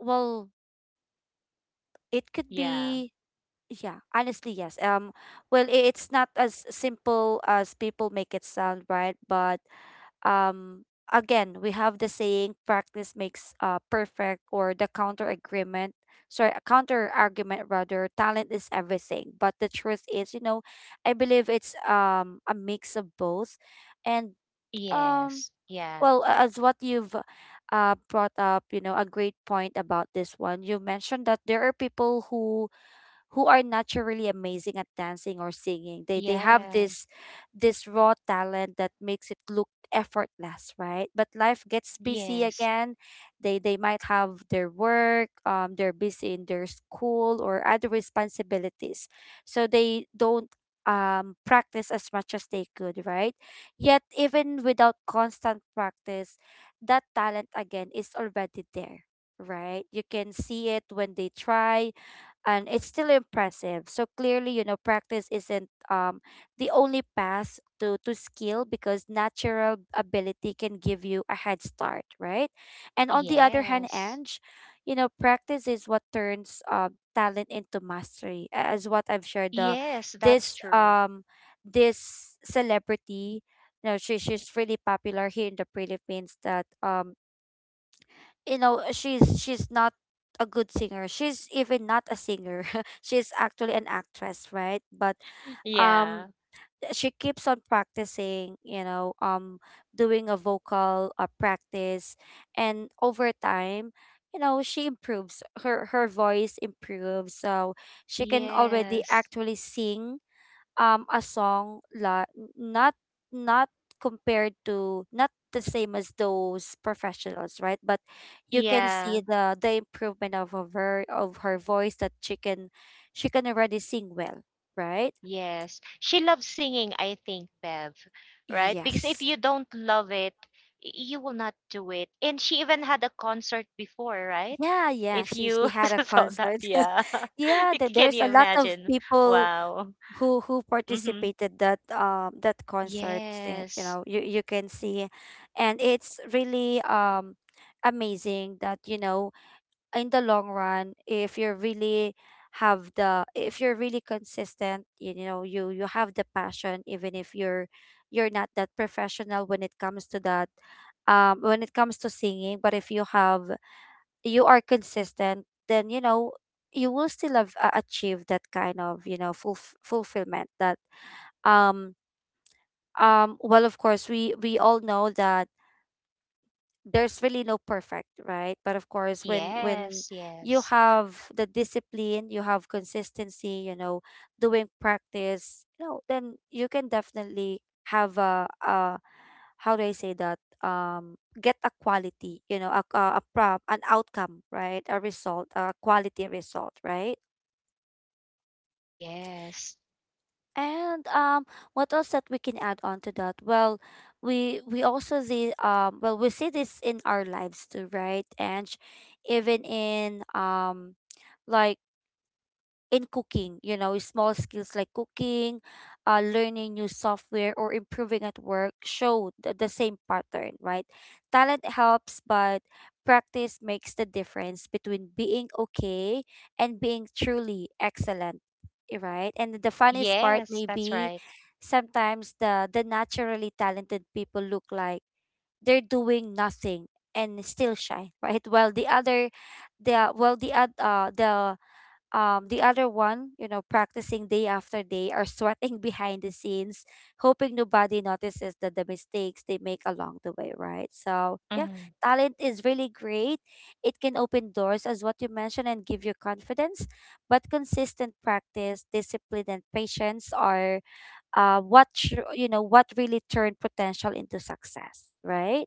well, it could
Yeah.
be, yeah, honestly, yes. Um, well, i- it's not as simple as people make it sound, right? But um again, we have the saying, practice makes uh perfect, or the counter agreement, sorry, counter argument rather, talent is everything. But the truth is, you know, I believe it's um a mix of both. And um
Yes. Yeah.
well a- as what you've uh brought up, you know, a great point about this one, you mentioned that there are people who who are naturally amazing at dancing or singing. They they have
Yeah.
this this raw talent that makes it look effortless, right? But life gets busy
Yes.
again. They they might have their work, um, they're busy in their school or other responsibilities. So they don't um practice as much as they could, right? Yet even without constant practice, that talent again is already there, right? You can see it when they try, and it's still impressive. So clearly, you know, practice isn't um, the only path to, to skill, because natural ability can give you a head start, right? And on the other hand,
Yes.
Ange, you know, practice is what turns um, talent into mastery, a- as what I've shared. The
Yes, that's
this
true.
um this celebrity, you know, she, she's really popular here in the Philippines. That um you know, she's she's not a good singer, she's even not a singer, she's actually an actress, right? But um
Yeah.
she keeps on practicing, you know, um doing a vocal uh, practice, and over time, you know, she improves, her her voice improves. So she can already
Yes.
actually sing um a song, la not not compared to, not the same as those professionals, right? But you can
Yeah.
see the the improvement of of her ver- of her voice, that she can she can already sing well, right?
Yes. She loves singing, I think, Bev, right? Because if
Yes.
you don't love it, y- you will not do it. And she even had a concert before, right?
Yeah, yeah,
If
she she
you
had a
saw that,
concert.
yeah.
Yeah,
C-
th-
Can
there's
you
a lot of
imagine?
people
Wow.
who who
Mm-hmm.
participated that um that concert, eh, you
Yes.
know, you you can see. And it's really um amazing that, you know, in the long run, if you really have the if you're really consistent, you, you know, you you have the passion, even if you're you're not that professional when it comes to that, um when it comes to singing. But if you have you are consistent, then you know, you will still have uh, achieved that kind of, you know, fulf- fulfillment. That um um well, of course, we we all know that there's really no perfect, right? But of course, when when
Yes.
you
Yes.
have the discipline, you have consistency, you know, doing practice, you know, then you can definitely have a, a how do I say that? Um get a quality, you know, a, a, a prop an outcome, right? A result, a quality result, right?
Yes.
And um, what else that we can add on to that? Well, we we also see um, well we see this in our lives too, right? And even in um, like in cooking, you know, small skills like cooking, uh, learning new software, or improving at work, show th- the same pattern, right? Talent helps, but practice makes the difference between being okay and being truly excellent, eh, right? And the funniest part
Yes.
may
That's
be,
right.
sometimes the, the naturally talented people look like they're doing nothing and still shine, right? While the other, the while the oth- uh, the um the other one, you know, practicing day after day, are sweating behind the scenes, hoping nobody notices that the mistakes they make along the way, right? So yeah,
Mm-hmm.
talent is really great, it can open doors, as what you mentioned, and give you confidence, but consistent practice, discipline, and patience are uh what tr- you know, what really turn potential into success, right?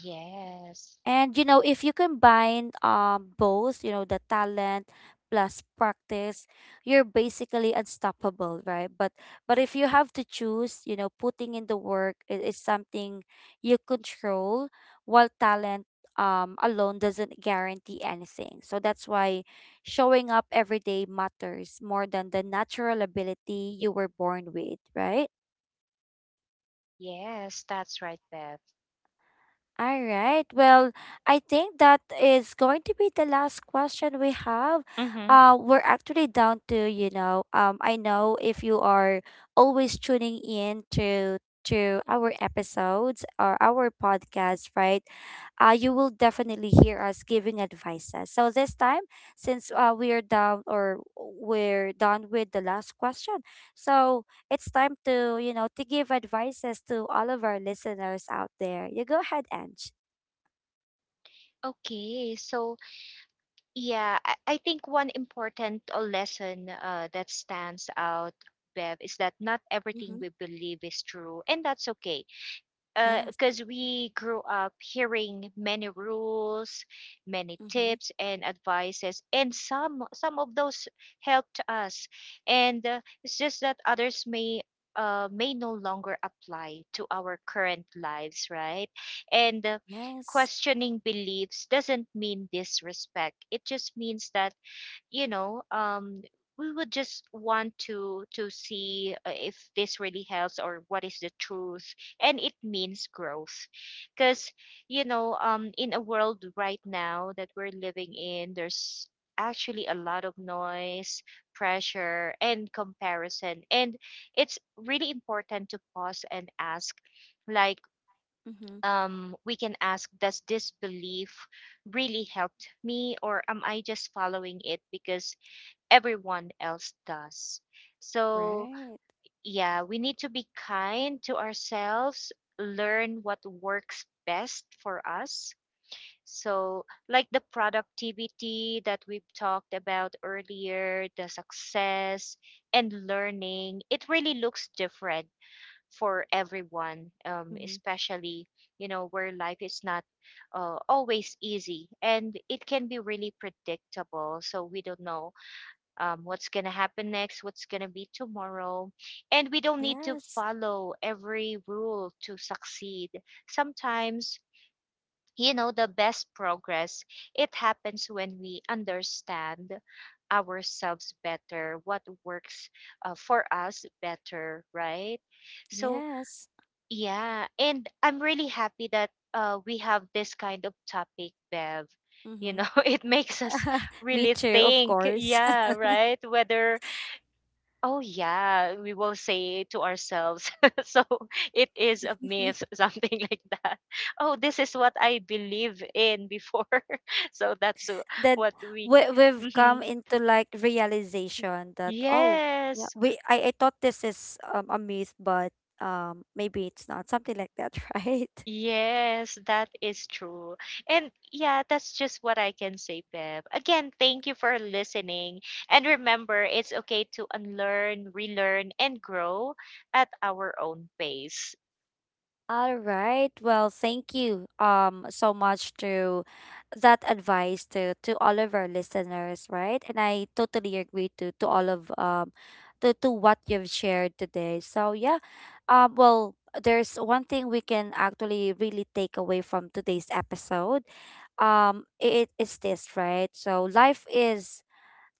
Yes.
And you know, if you combine um both, you know, the talent plus practice, you're basically unstoppable, right? But but if you have to choose, you know, putting in the work i- is something you control, while talent um alone doesn't guarantee anything. So that's why showing up every day matters more than the natural ability you were born with, right?
Yes, that's right, Bev.
All right. Well, I think that is going to be the last question we have.
Mm-hmm.
Uh, we're actually down to, you know, um, I know if you are always tuning in to to our episodes or our podcast, right? Uh, you will definitely hear us giving advices. So this time, since uh, we are down or we're done with the last question, so it's time to, you know, to give advices to all of our listeners out there. You go ahead, Ange.
Okay, so yeah, I, I think one important uh, lesson uh, that stands out, Bev, is that not everything
Mm-hmm.
we believe is true, and that's okay.
Yes.
Because we grew up hearing many rules, many
Mm-hmm.
tips and advices, and some some of those helped us, and uh, it's just that others may. Uh, may no longer apply to our current lives, right? And uh,
Yes.
questioning beliefs doesn't mean disrespect. It just means that you know um we would just want to to see uh, if this really helps or what is the truth, and it means growth. Because you know um in a world right now that we're living in, there's actually a lot of noise, pressure and comparison, and it's really important to pause and ask, like,
Mm-hmm.
um we can ask, does this belief really helped me, or am I just following it because everyone else does? So,
Right.
yeah, we need to be kind to ourselves, learn what works best for us. So, like the productivity that we've talked about earlier, the success and learning, it really looks different for everyone, um,
Mm-hmm.
especially, you know, where life is not uh, always easy and it can be really predictable. So, we don't know um, what's going to happen next, what's going to be tomorrow. And we don't need to
Yes.
follow every rule to succeed. Sometimes, you know, the best progress, it happens when we understand ourselves better, what works uh, for us better, right? So,
Yes.
yeah, and I'm really happy that uh, we have this kind of topic, Bev. You know,
Mm-hmm.
it makes us
Me
really
too, of
think,
course.
yeah, right? Whether oh yeah, we will say to ourselves. So it is a myth, something like that. Oh, this is what I believe in before. So that's uh,
Then
what we.
we we've
Mhm.
come into like realization that, oh yeah,
Yes,
we I, I thought this is um, a myth, but um maybe it's not, something like that, right?
yes, that is true. And yeah, that's just what I can say, Bev. Again, thank you for listening. And remember, it's okay to unlearn, relearn, and grow at our own pace.
All right. Well, thank you um so much to that advice to to all of our listeners, right? And I totally agree to to all of um to to what you've shared today. So yeah, um well, there's one thing we can actually really take away from today's episode. Um it is this, right? So life is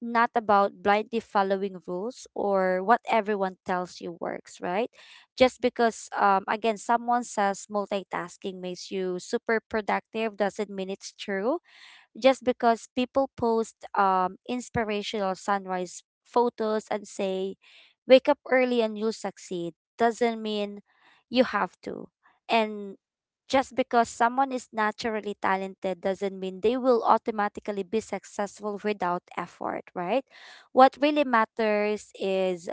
not about blindly following rules or what everyone tells you works, right? Just because, um, again, someone says multitasking makes you super productive doesn't mean it's true. Just because people post um inspirational sunrise photos and say, wake up early and you'll succeed, doesn't mean you have to. And just because someone is naturally talented doesn't mean they will automatically be successful without effort, right? What really matters is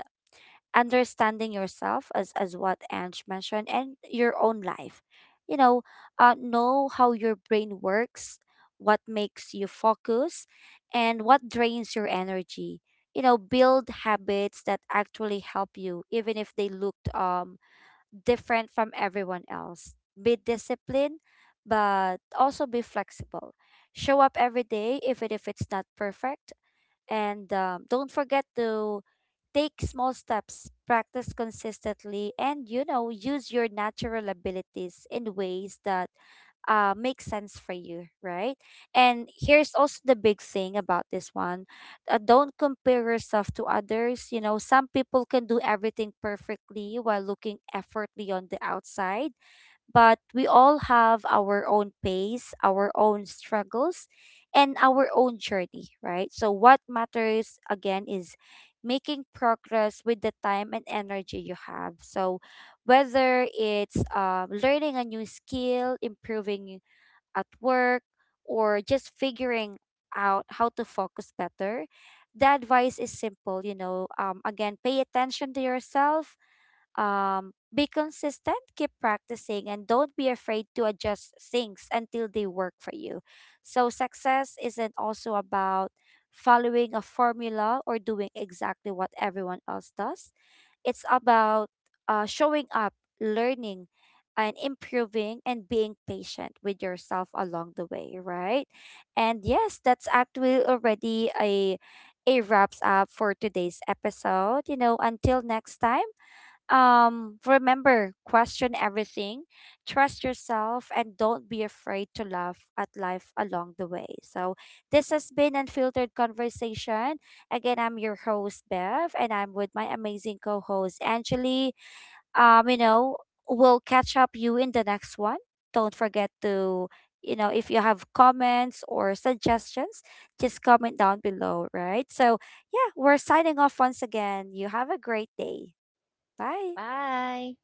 understanding yourself, as as what Ange mentioned, and your own life. You know, uh, know how your brain works, what makes you focus, and what drains your energy. You know, build habits that actually help you, even if they looked um different from everyone else. Be disciplined, but also be flexible. Show up every day, even if it's not perfect, and um, don't forget to take small steps, practice consistently, and you know, use your natural abilities in ways that uh, make sense for you, right? And here's also the big thing about this one, uh, don't compare yourself to others. You know, some people can do everything perfectly while looking effortlessly on the outside, but we all have our own pace, our own struggles, and our own journey, right? So, what matters again is making progress with the time and energy you have. So, whether it's uh, learning a new skill, improving at work, or just figuring out how to focus better, the advice is simple, you know. Um, again, pay attention to yourself, um, be consistent, keep practicing, and don't be afraid to adjust things until they work for you. So, success isn't also about following a formula or doing exactly what everyone else does, it's about uh, showing up, learning, and improving, and being patient with yourself along the way, right? And yes, that's actually already a. a wraps up for today's episode. You know, until next time, um remember, question everything, trust yourself, and don't be afraid to laugh at life along the way. So, this has been Unfiltered Conversation. Again, I'm your host, Bev, and I'm with my amazing co-host, Angeli. Um you know, we'll catch up you in the next one. Don't forget to, you know, if you have comments or suggestions, just comment down below, right? So yeah, we're signing off. Once again, you have a great day. Bye.
Bye.